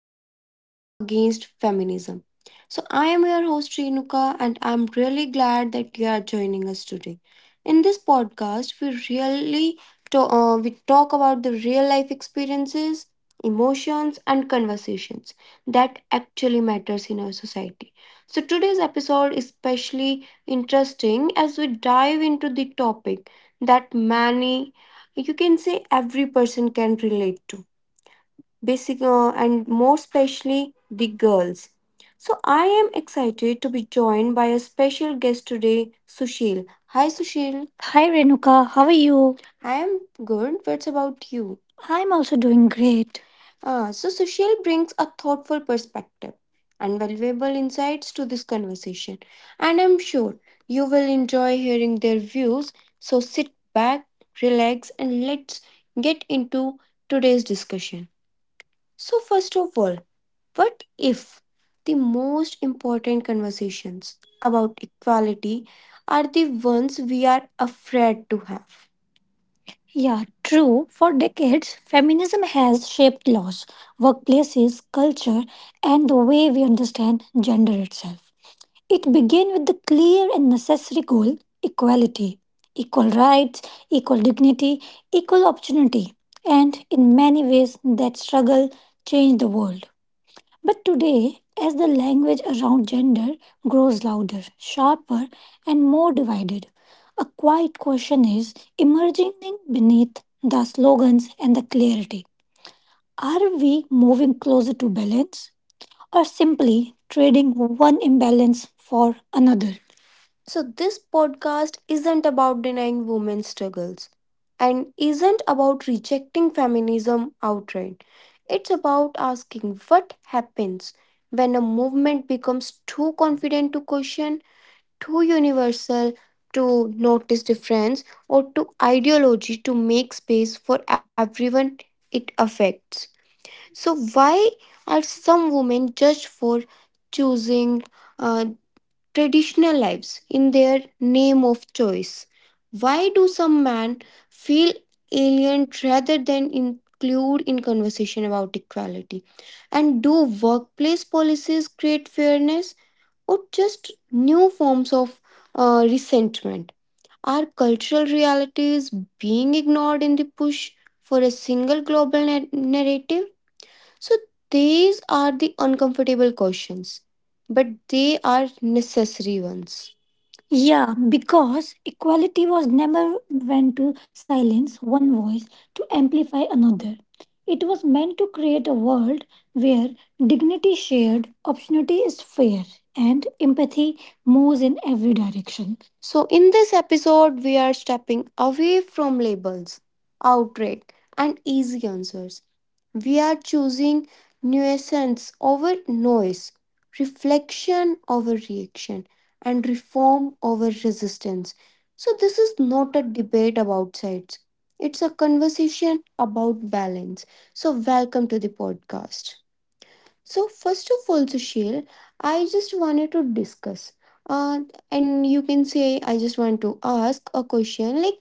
Women Right Against Feminism. So, I am your host Renuka, and I'm really glad that you are joining us today. In this podcast, we talk about the real life experiences, emotions, and conversations that actually matters in our society. So, today's episode is especially interesting as we dive into the topic that many, you can say, every person can relate to basic and more especially the girls. So I am excited to be joined by a special guest today, Sushil. Hi Sushil. Hi Renuka, how are you? I am good. What's about you? I'm also doing great. So Sushil brings a thoughtful perspective and valuable insights to this conversation. And I'm sure you will enjoy hearing their views. So sit back, relax, and let's get into today's discussion. So, first of all, what if the most important conversations about equality are the ones we are afraid to have? Yeah, true. For decades, feminism has shaped laws, workplaces, culture, and the way we understand gender itself. It began with the clear and necessary goal equality, equal rights, equal dignity, equal opportunity. And in many ways, that struggle changed the world. But today, as the language around gender grows louder, sharper, and more divided, a quiet question is emerging beneath the slogans and the clarity. Are we moving closer to balance or simply trading one imbalance for another? So, this podcast isn't about denying women's struggles and isn't about rejecting feminism outright. It's about asking what happens when a movement becomes too confident to question, too universal to notice difference, or too ideology to make space for everyone it affects. So, why are some women judged for choosing, uh, traditional lives in their name of choice? Why do some men feel alien rather than include in conversation about equality? And do workplace policies create fairness or just new forms of Thank resentment? Are cultural realities being ignored in the push for a single global narrative? So these are the uncomfortable questions, but they are necessary ones. Yeah, because equality was never meant to silence one voice to amplify another. It was meant to create a world where dignity is shared, opportunity is fair, and empathy moves in every direction. So, in this episode, we are stepping away from labels, outrage, and easy answers. We are choosing nuisance over noise, reflection over reaction, and reform over resistance. So, this is not a debate about sides, it's a conversation about balance. So, welcome to the podcast. So, first of all, Sushil, I just wanted to discuss. Uh, and you can say, I just want to ask a question like,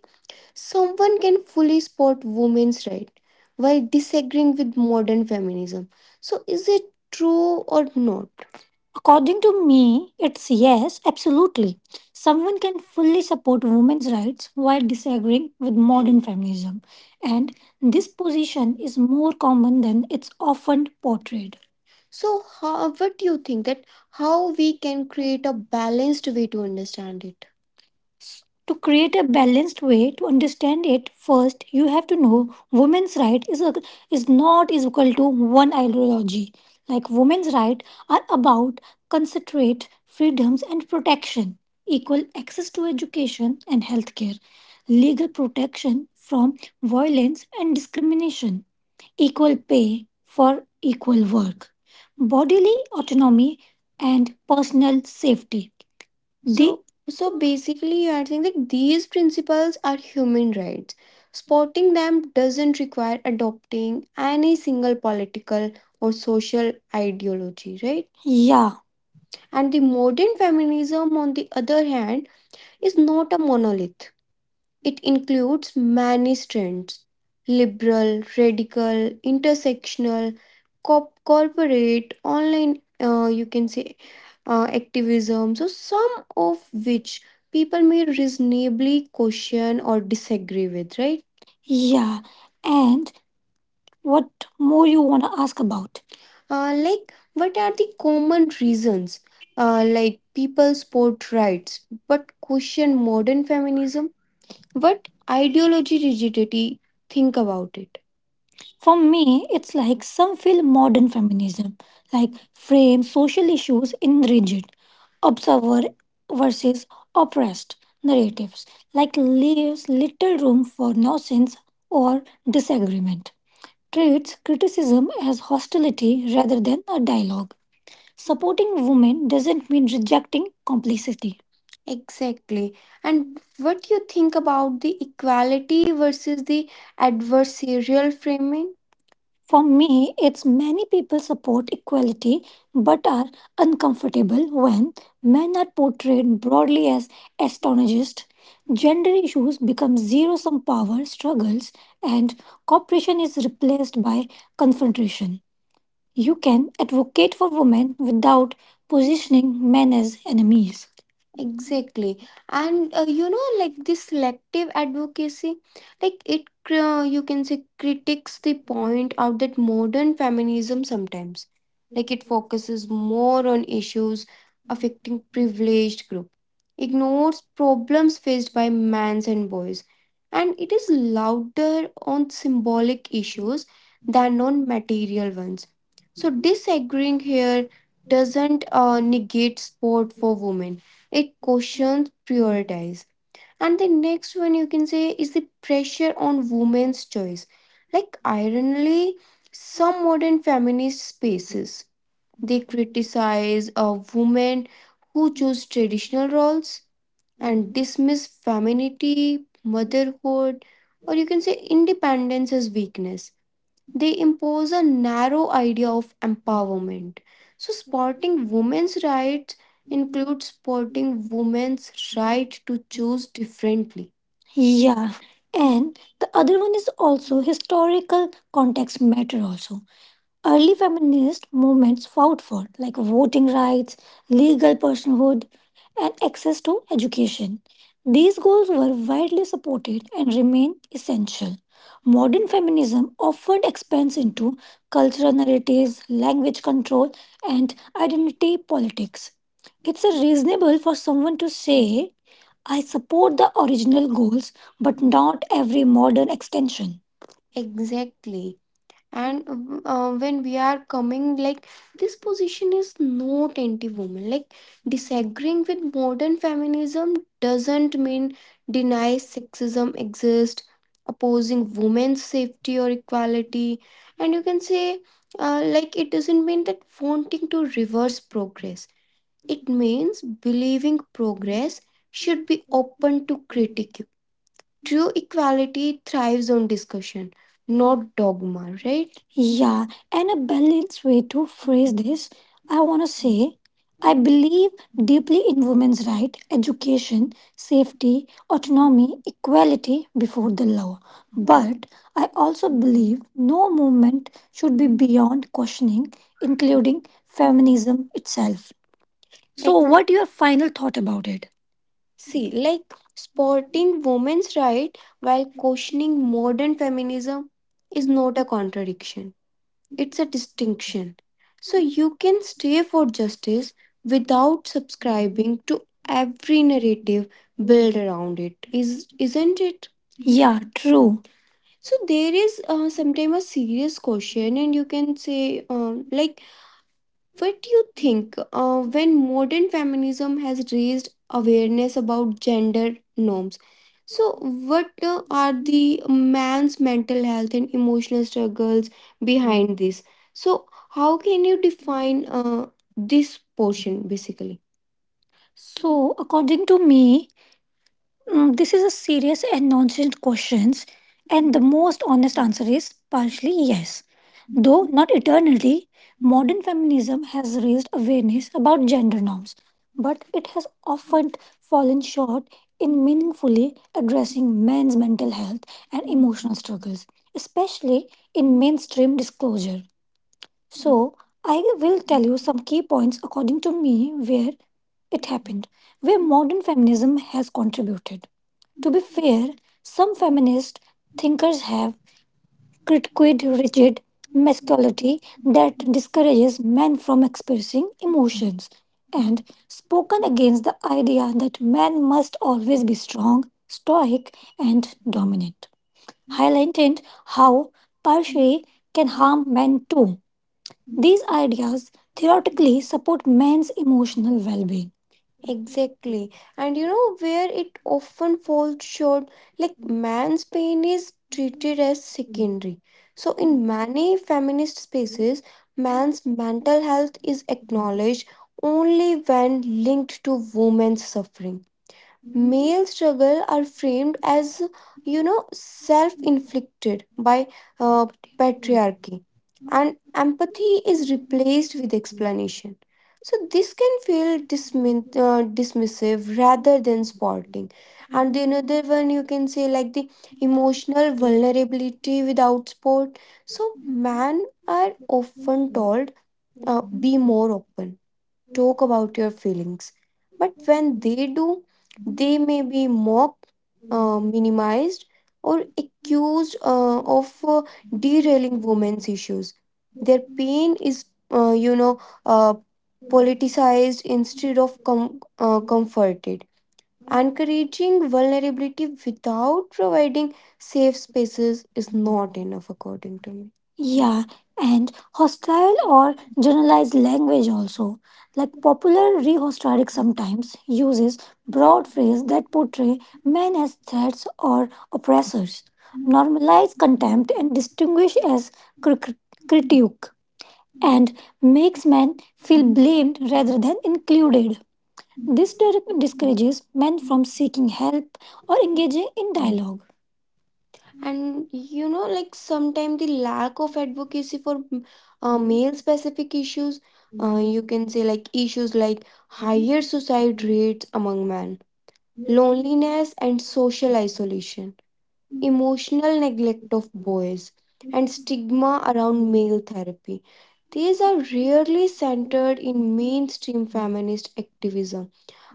someone can fully support women's right while disagreeing with modern feminism. So, is it true or not? According to me, it's yes, absolutely. Someone can fully support women's rights while disagreeing with modern feminism, and this position is more common than it's often portrayed. So, how, what do you think that how we can create a balanced way to understand it? To create a balanced way to understand it, first you have to know women's right is not is equal to one ideology. Like women's right are about concentrate freedoms and protection, equal access to education and healthcare, legal protection from violence and discrimination, equal pay for equal work, bodily autonomy and personal safety. The so so basically, you are saying that these principles are human rights. Supporting them doesn't require adopting any single political or social ideology, right? Yeah, and the modern feminism, on the other hand, is not a monolith. It includes many strands liberal, radical, intersectional, corporate, online, you can say activism, so some of which people may reasonably question or disagree with, right? Yeah, and what more you want to ask about? Like, what are the common reasons? Like, people support rights but question modern feminism? What ideology rigidity think about it? For me, it's like some feel modern feminism, like frame social issues in rigid, observer versus oppressed narratives, like leaves little room for nonsense or disagreement. Treats criticism as hostility rather than a dialogue. Supporting women doesn't mean rejecting complicity. Exactly. And what you think about the equality versus the adversarial framing? For me, it's many people support equality but are uncomfortable when men are portrayed broadly as astonished. Gender issues become zero sum power struggles, and cooperation is replaced by confrontation. You can advocate for women without positioning men as enemies. Exactly. And like this selective advocacy, like it, you can say, critiques the point out that modern feminism sometimes, like it focuses more on issues affecting privileged group, ignores problems faced by men and boys, and it is louder on symbolic issues than on material ones so disagreeing here doesn't negate sport for women. It questions prioritize. And the next one you can say is the pressure on women's choice. Like ironically, some modern feminist spaces they criticize a women who choose traditional roles and dismiss femininity, motherhood, or you can say independence as weakness. They impose a narrow idea of empowerment. So, supporting women's rights includes supporting women's right to choose differently. Yeah, and the other one is also historical context matter also early feminist movements fought for, like voting rights, legal personhood, and access to education. These goals were widely supported and remain essential. Modern feminism often expands into cultural narratives, language control, and identity politics. It's a reasonable for someone to say, I support the original goals, but not every modern extension. Exactly. And when we are coming like this position is not anti-woman like disagreeing with modern feminism doesn't mean deny sexism exists opposing women's safety or equality and you can say like it doesn't mean that wanting to reverse progress it means believing progress should be open to critique. True equality thrives on discussion, not dogma, right? Yeah, and a balanced way to phrase this, I want to say I believe deeply in women's right, education, safety, autonomy, equality before the law. But I also believe no movement should be beyond questioning, including feminism itself. So, what your final thought about it? See, like supporting women's rights while questioning modern feminism is not a contradiction, it's a distinction. So, you can stay for justice without subscribing to every narrative built around it, isn't it? Yeah, true. So, there is sometimes a serious question, and you can say, like, what do you think when modern feminism has raised awareness about gender norms? So, what are the man's mental health and emotional struggles behind this? So, how can you define this portion basically? So, according to me, this is a serious and nonsense questions, and the most honest answer is partially yes. Though not eternally, modern feminism has raised awareness about gender norms, but it has often fallen short in meaningfully addressing men's mental health and emotional struggles, especially in mainstream disclosure. So, I will tell you some key points according to me where it happened, where modern feminism has contributed. To be fair, some feminist thinkers have critiqued rigid masculinity that discourages men from expressing emotions and spoken against the idea that men must always be strong, stoic, and dominant, highlighting how patriarchy can harm men too. These ideas theoretically support men's emotional well being. Exactly. And you know where it often falls short, like man's pain is treated as secondary. So, in many feminist spaces, man's mental health is acknowledged only when linked to woman's suffering. Male struggle are framed as self-inflicted by uh, patriarchy, and empathy is replaced with explanation. So this can feel dismissive rather than supporting. And the another one you can say like the emotional vulnerability without support. So men are often told be more open, talk about your feelings. But when they do, they may be mocked, minimized, or accused of derailing women's issues. Their pain is, uh, you know, uh, politicized instead of comforted. Encouraging vulnerability without providing safe spaces is not enough, according to me. Yeah, and hostile or generalized language also. Like popular rhetoric sometimes uses broad phrases that portray men as threats or oppressors, normalize contempt and distinguish as cr- cr- critique, and makes men feel blamed rather than included. This discourages men from seeking help or engaging in dialogue. And like sometimes the lack of advocacy for male specific issues, you can say like issues like higher suicide rates among men, loneliness and social isolation, emotional neglect of boys, and stigma around male therapy. These are rarely centered in mainstream feminist activism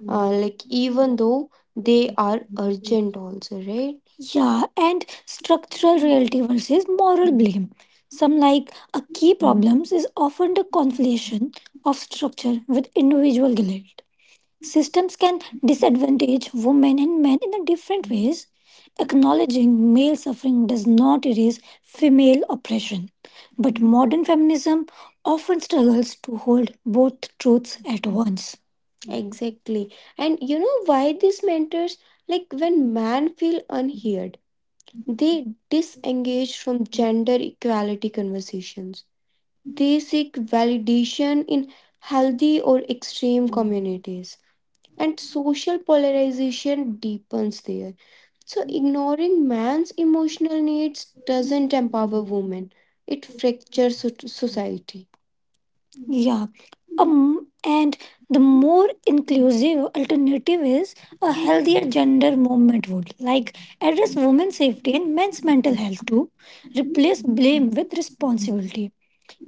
like even though they are urgent also, right? Yeah, and structural reality versus moral blame. Some like a key problems is often the conflation of structure with individual guilt. Systems can disadvantage women and men in a different ways. Acknowledging male suffering does not erase female oppression. But modern feminism often struggles to hold both truths at once. Exactly. And you know why these mentors, like when men feel unheard, they disengage from gender equality conversations. They seek validation in healthy or extreme communities, and social polarization deepens there. So, ignoring man's emotional needs doesn't empower women, it fractures society. Yeah. And the more inclusive alternative is a healthier gender movement would like address women's safety and men's mental health too, replace blame with responsibility,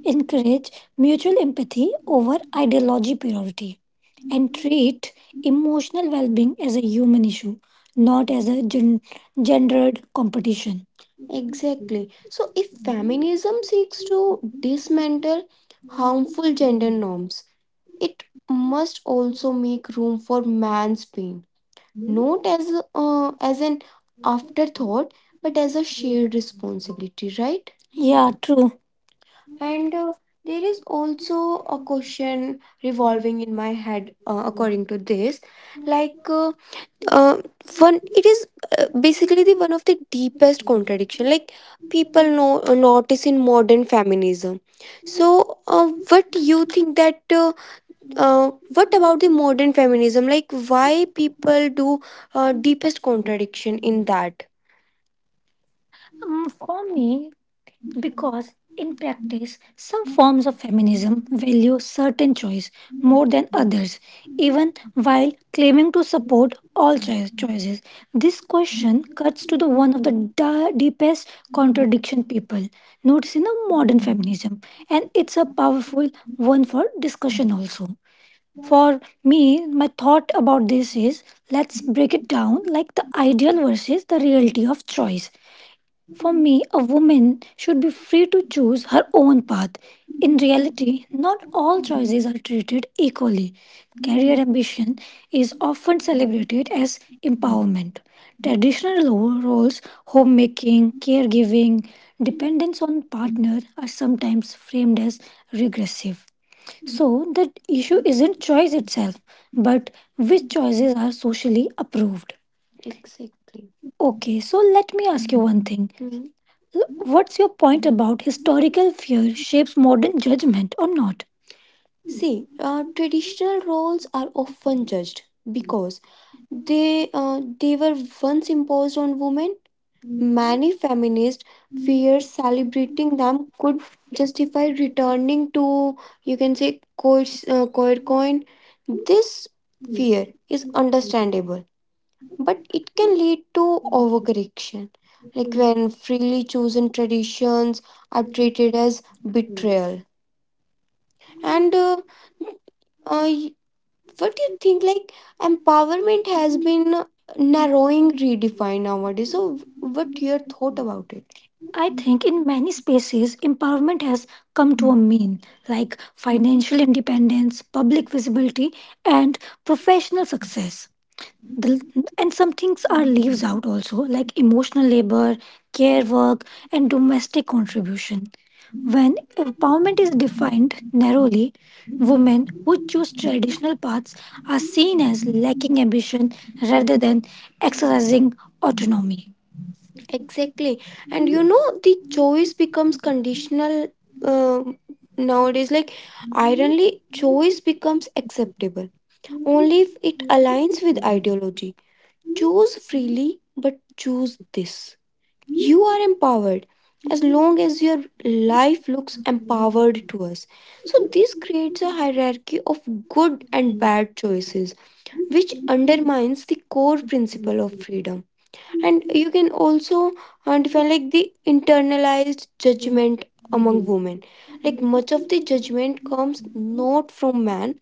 encourage mutual empathy over ideology purity and treat emotional well being as a human issue, not as a gendered competition. Exactly. So, if feminism seeks to dismantle harmful gender norms, it must also make room for man's pain, not as an you. afterthought, but Thank as a shared responsibility. Right? Yeah, true. And there is also a question revolving in my head according to this. Like, uh, uh, one, it is basically the one of the deepest contradiction. Like, people know notice in modern feminism. So, what do you think that? What about the modern feminism? Like, why people do deepest contradiction in that? For me, because in practice, some forms of feminism value certain choice more than others, even while claiming to support all choices. This question cuts to the one of the deepest contradiction people notice in a modern feminism, and it's a powerful one for discussion also. For me, my thought about this is let's break it down like the ideal versus the reality of choice for me, a woman should be free to choose her own path. In reality, not all choices are treated equally. Career ambition is often celebrated as empowerment. Traditional roles, homemaking, caregiving, dependence on partner are sometimes framed as regressive. So the issue isn't choice itself, but which choices are socially approved. Exactly. Okay, so let me ask you one thing. Mhm. What's your point about historical fear shapes modern judgment or not? See, traditional roles are often judged because they were once imposed on women. Many feminists fear celebrating them could justify returning to, you can say, coit coin. This fear is understandable, but it can lead to overcorrection, like when freely chosen traditions are treated as betrayal. And uh, what do you think? Like empowerment has been narrowing redefined nowadays. So, what your thought about it? I think in many spaces, empowerment has come to a mean, like financial independence, public visibility, and professional success. The, and some things are leaves out also, like emotional labor, care work, and domestic contribution. When empowerment is defined narrowly, women who choose traditional paths are seen as lacking ambition rather than exercising autonomy. Exactly. And you know, the choice becomes conditional um nowadays. Like, ironically, choice becomes acceptable only if it aligns with ideology. Choose freely, but choose this. You are empowered as long as your life looks empowered to us. So, this creates a hierarchy of good and bad choices, which undermines the core principle of freedom. And you can also define like the internalized judgment among women. Like much of the judgment comes not from man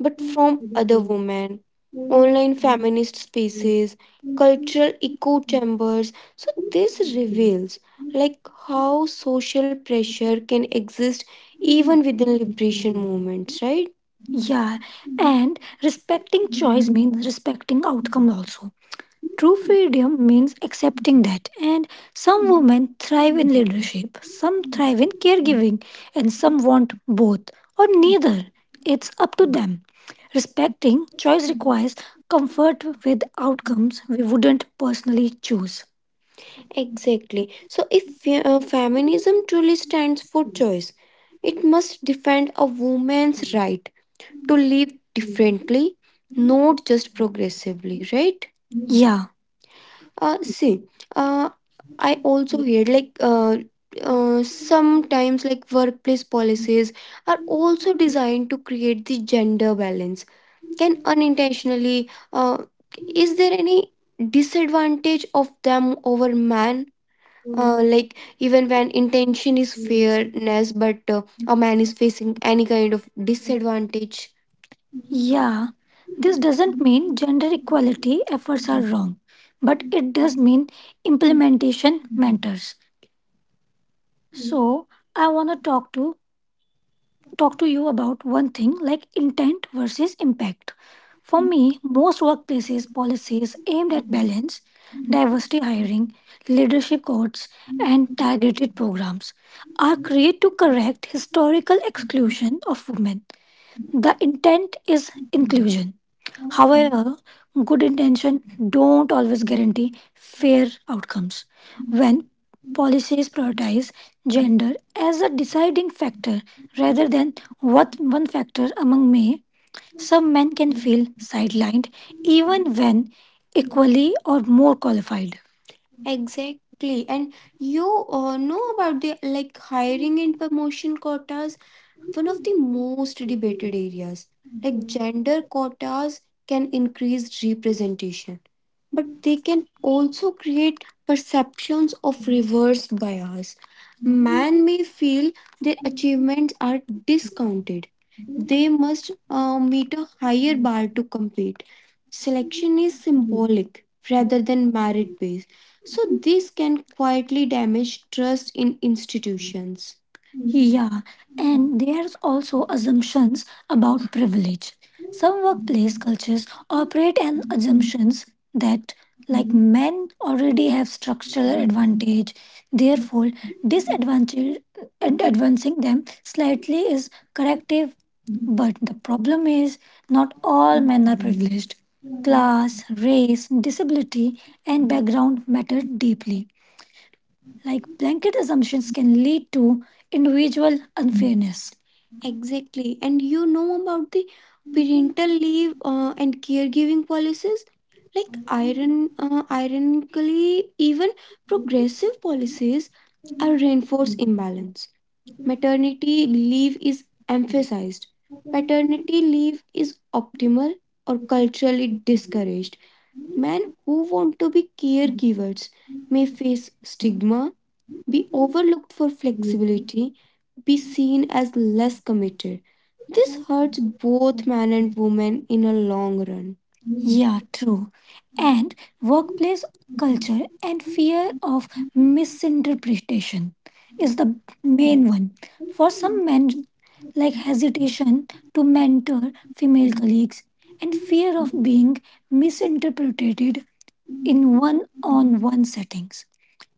but from other women, online feminist spaces, cultural echo chambers. So, this reveals like how social pressure can exist even within liberation movements, right? Yeah, and respecting choice means respecting outcome also. True freedom means accepting that, and some women thrive in leadership, some thrive in caregiving, and some want both or neither. It's up to them. Respecting choice requires comfort with outcomes we wouldn't personally choose. Exactly. So, if feminism truly stands for choice, it must defend a woman's right to live differently, not just progressively, right? Yeah, see, uh, I also heard like sometimes like workplace policies are also designed to create the gender balance. Can unintentionally, is there any disadvantage of them over man? You. Like even when intention is Thank you. fairness, but a man is facing any kind of disadvantage. Yeah, this doesn't mean gender equality efforts are wrong, but it does mean implementation matters. So, I want to talk to you about one thing like intent versus impact. For me, most workplaces policies aimed at balance, diversity hiring, leadership codes, and targeted programs are created to correct historical exclusion of women. The intent is inclusion. However, mm, good intention don't always guarantee fair outcomes. When policies prioritize gender as a deciding factor rather than what one factor among many, some men can feel sidelined even when equally or more qualified. Exactly. And you know about the like hiring and promotion quotas one of the most debated areas. Like gender quotas can increase representation, but they can also create perceptions of reverse bias. Men may feel their achievements are discounted. They must meet a higher bar to compete. Selection is symbolic rather than merit based, so this can quietly damage trust in institutions. Yeah, and there's also assumptions about privilege. Some workplace cultures operate on assumptions that like men already have structural advantage, therefore disadvantage advancing them slightly is corrective, but the problem is not all men are privileged. Class, race, disability, and background matter deeply. Like blanket assumptions can lead to individual unfairness. Exactly. And you know about the parental leave and caregiving policies? Like ironically, even progressive policies are reinforce imbalance. Maternity leave is emphasized. Paternity leave is optimal or culturally discouraged. Men who want to be caregivers may face stigma be overlooked for flexibility, be seen as less committed. This hurts both men and women in a long run. Yeah, true. And workplace culture and fear of misinterpretation is the main one. For some men, like hesitation to mentor female colleagues and fear of being misinterpreted in one on one settings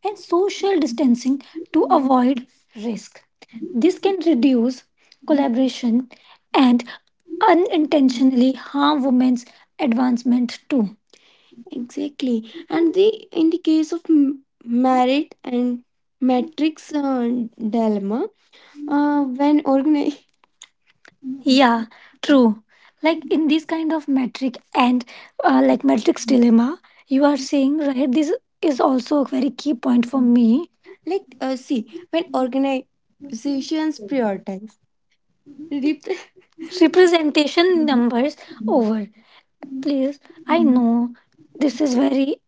and social distancing to avoid risk. This can reduce collaboration and unintentionally harm women's advancement too. Exactly. And the in the case of merit and matrix dilemma, uh, when organi- yeah, true. Like in this kind of metric and like matrix dilemma, you are saying, right? This is also a very key point for me. Like, see, when organizations prioritize rep- representation numbers over. Please, I know this is very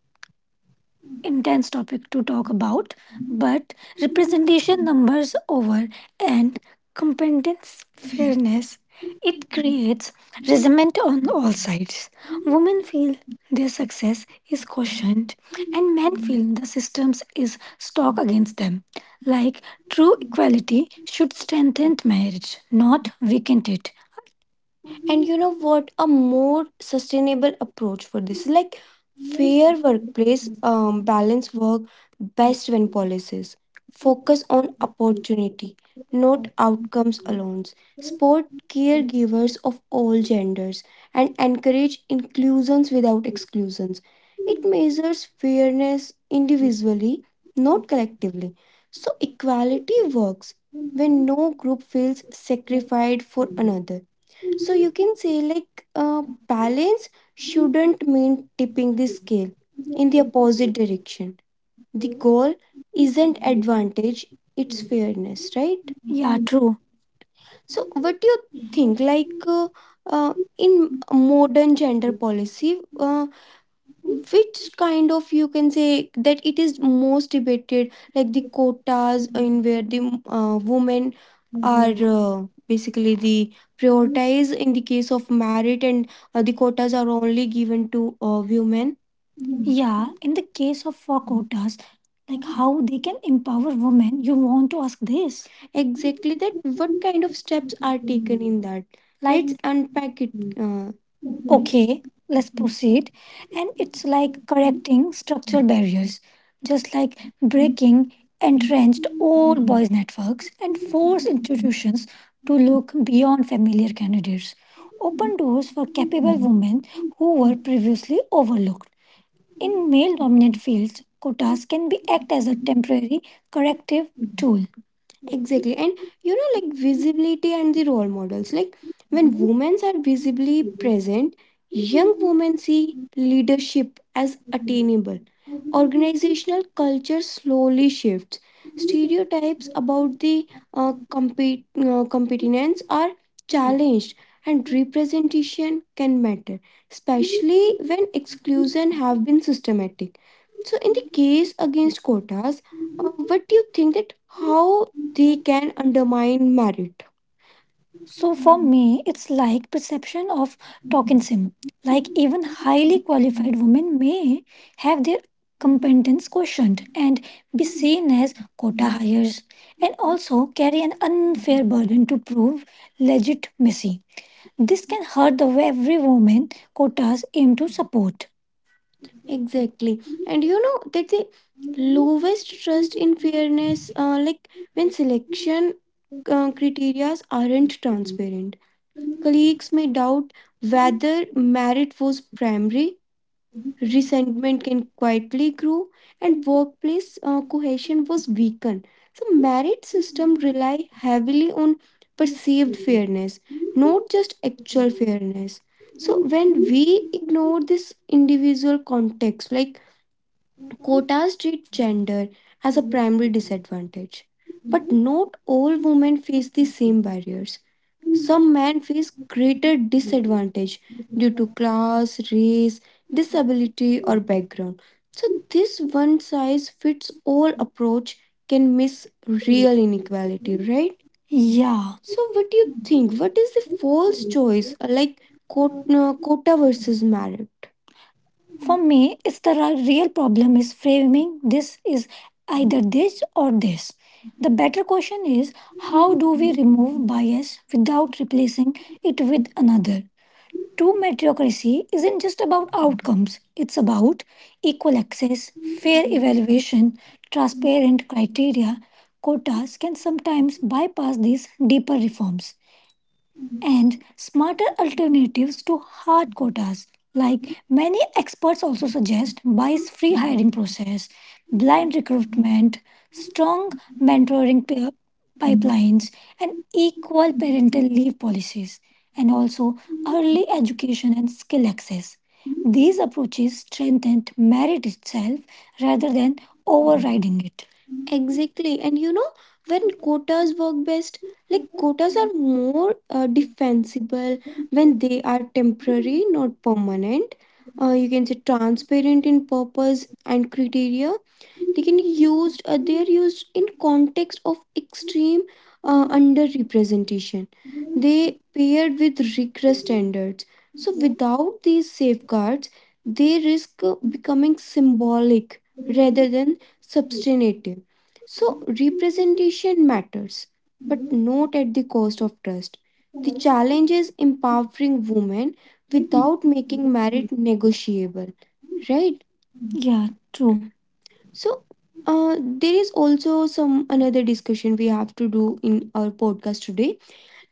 intense topic to talk about, but representation numbers over and competence fairness. It creates resentment on all sides. Women feel their success is questioned, and men feel the systems is stock against them. Like true equality should strengthen marriage, not weaken it. And you know what? A more sustainable approach for this, like fair workplace, balance work best when policies focus on opportunity, not outcomes alone. Support caregivers of all genders and encourage inclusions without exclusions. It measures fairness individually, not collectively. So equality works when no group feels sacrificed for another. So you can say like balance shouldn't mean tipping the scale in the opposite direction. The goal isn't advantage, it's fairness, right? Yeah, true. So what do you think like in modern gender policy which kind of you can say that it is most debated like the quotas in where the women are basically the prioritized in the case of merit and the quotas are only given to women. Yeah, in the case of for quotas, like how they can empower women, you want to ask this. Exactly that what kind of steps are taken in that. Like let's unpack it Okay, let's proceed. And it's like correcting structural barriers, just like breaking entrenched old boys' networks and force institutions to look beyond familiar candidates. Open doors for capable women who were previously overlooked. In male dominant fields, quotas can be act as a temporary corrective tool. Exactly. And you know, like visibility and the role models. Like when women are visibly present, young women see leadership as attainable. Organizational culture slowly shifts. Stereotypes about the competence are challenged and representation can matter, especially when exclusion have been systematic. So, in the case against quotas, what do you think that how they can undermine merit? So for me, it's like perception of tokenism. Like even highly qualified women may have their competence questioned and be seen as quota hires and also carry an unfair burden to prove legitimacy. This can hurt the very women quotas aim to support. Exactly. And you know that the lowest trust in fairness, like when selection criteria aren't transparent, colleagues may doubt whether merit was primary, resentment can quietly grow, and workplace cohesion was weakened. So, merit system rely heavily on perceived fairness, not just actual fairness. So, when we ignore this individual context, like quotas treat gender as a primary disadvantage. But not all women face the same barriers. Some men face greater disadvantage due to class, race, disability, or background. So, this one size fits all approach can miss real inequality, right? Yeah. So, what do you think? What is the false choice, like quota versus merit? For me, it's the real problem is framing this is either this or this. The better question is how do we remove bias without replacing it with another? True meritocracy isn't just about outcomes, it's about equal access, fair evaluation, transparent criteria. Quotas can sometimes bypass these deeper reforms and smarter alternatives to hard quotas. Like many experts also suggest, bias free hiring process, blind recruitment, strong mentoring pipelines, and equal parental leave policies, and also early education and skill access. These approaches strengthen merit itself rather than overriding it. Exactly. And you know, when quotas work best, like quotas are more defensible when they are temporary, not permanent. You can say transparent in purpose and criteria, they are used in context of extreme underrepresentation, they paired with rigorous standards, so without these safeguards they risk becoming symbolic rather than substantive. So representation matters, but not at the cost of trust. The challenge is empowering women without making merit negotiable, right? Yeah, true. So there is also some another discussion we have to do in our podcast today.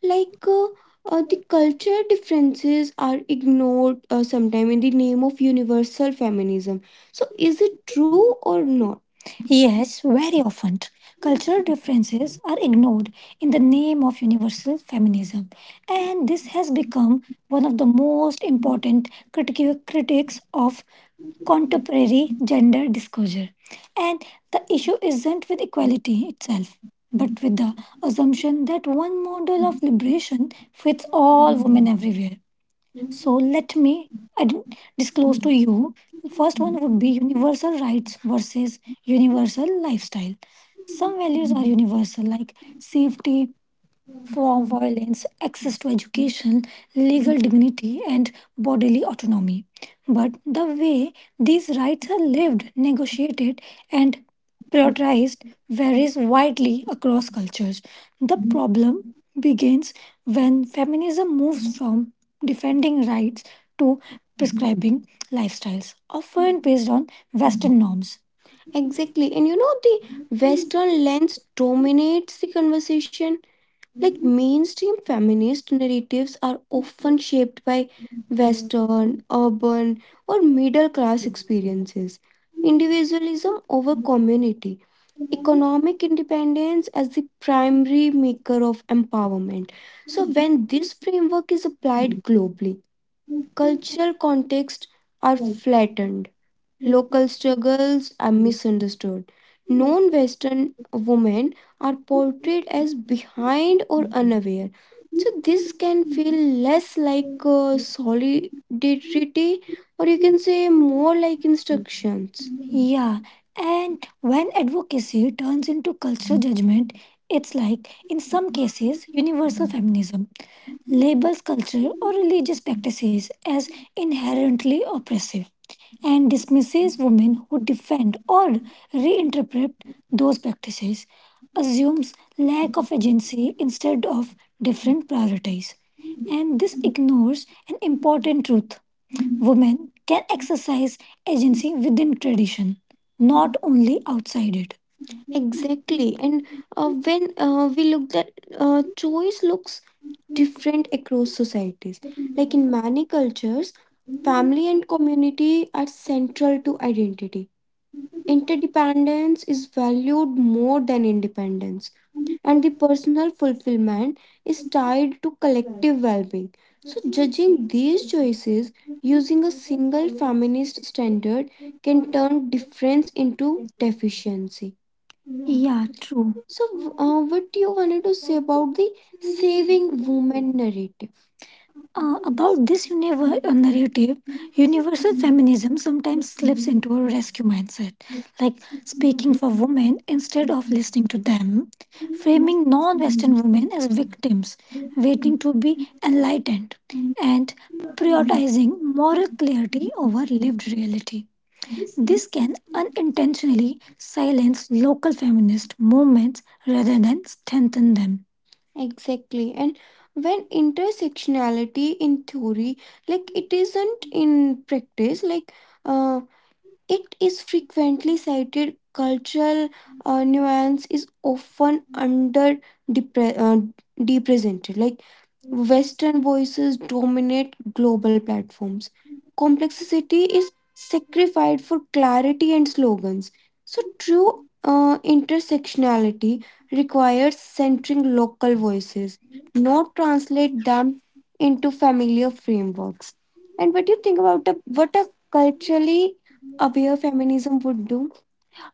Like the culture differences are ignored sometime in the name of universal feminism. So is it true or not? Yes, very often. Cultural differences are ignored in the name of universal feminism, and this has become one of the most important critics of contemporary gender disclosure. And the issue isn't with equality itself, but with the assumption that one model of liberation fits all women everywhere. So let me ad- disclose to you. The first one would be universal rights versus universal lifestyle. Some values are universal, like safety, from violence, access to education, legal dignity, and bodily autonomy. But the way these rights are lived, negotiated, and prioritized varies widely across cultures. The problem begins when feminism moves from defending rights to prescribing lifestyles, often based on Western norms. Exactly. And you know, the Western lens dominates the conversation, like mainstream feminist narratives are often shaped by Western, urban, or middle class experiences, individualism over community, economic independence as the primary maker of empowerment. So, when this framework is applied globally, cultural contexts are flattened, local struggles are misunderstood. Non Western women are portrayed as behind or unaware. So, this can feel less like solidarity, or you can say more like instructions. Yeah, and when advocacy turns into cultural judgment, it's like, in some cases, universal feminism labels culture or religious practices as inherently oppressive and dismisses women who defend or reinterpret those practices, assumes lack of agency instead of different priorities. And this ignores an important truth: women can exercise agency within tradition, not only outside it. Exactly. And when we look that choice looks different across societies. Like in many cultures, family and community are central to identity. Interdependence is valued more than independence, and the Thank you. personal fulfillment is tied to collective well being. So, judging these choices using a single feminist standard can turn difference into deficiency. Yeah, true. So, what you wanted to say about the saving women narrative? About this narrative, universal feminism sometimes slips into a rescue mindset, like speaking for women instead of listening to them, framing non Western women as victims, waiting to be enlightened, and prioritizing moral clarity over lived reality. This can unintentionally silence local feminist movements rather than strengthen them. Exactly. And when intersectionality in theory, like it isn't in practice, like uh, it is frequently cited, cultural nuance is often under depre- uh, depresented. Like Western voices dominate global platforms. Complexity is sacrificed for clarity and slogans. So, true intersectionality requires centering local voices, not translate them into familiar frameworks. And what do you think about the, what a culturally aware feminism would do?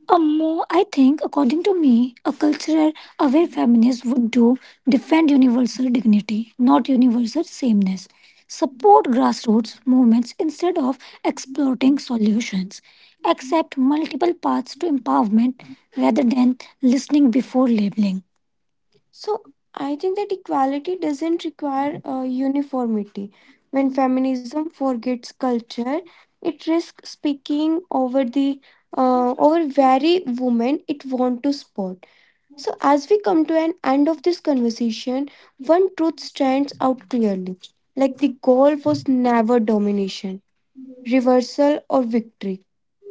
More, I think, according to me, a cultural aware feminist would do defend universal dignity, not universal sameness. Support grassroots movements instead of exploiting solutions. Accept multiple paths to empowerment rather than listening before labeling. So I think that equality doesn't require uniformity. When feminism forgets culture, it risks speaking over the over very women it want to support. So as we come to an end of this conversation, one truth stands out clearly. Like the goal was never domination, reversal or victory.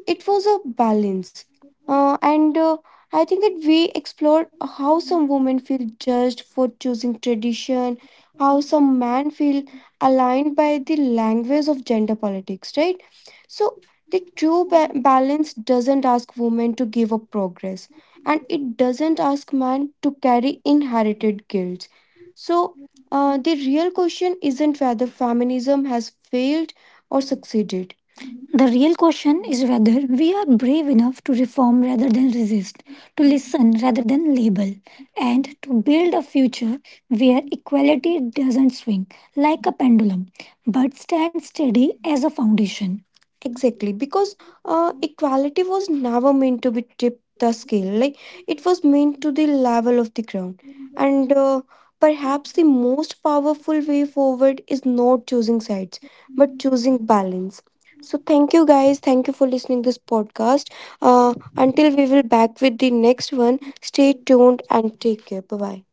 It was a balance. And I think that we explored how some women feel judged for choosing tradition, how some men feel aligned by the language of gender politics, right? So the true balance doesn't ask women to give up progress and it doesn't ask men to carry inherited guilt. So the real question isn't whether feminism has failed or succeeded. The real question is whether we are brave enough to reform rather than resist, to listen rather than label, and to build a future where equality doesn't swing like a pendulum but stands steady as a foundation. Exactly, because equality was never meant to be tipped the scale. Like it was meant to the level of the ground. And Perhaps the most powerful way forward is not choosing sides, but choosing balance. So thank you guys. Thank you for listening this podcast. Until we will back with the next one, stay tuned and take care. Bye bye.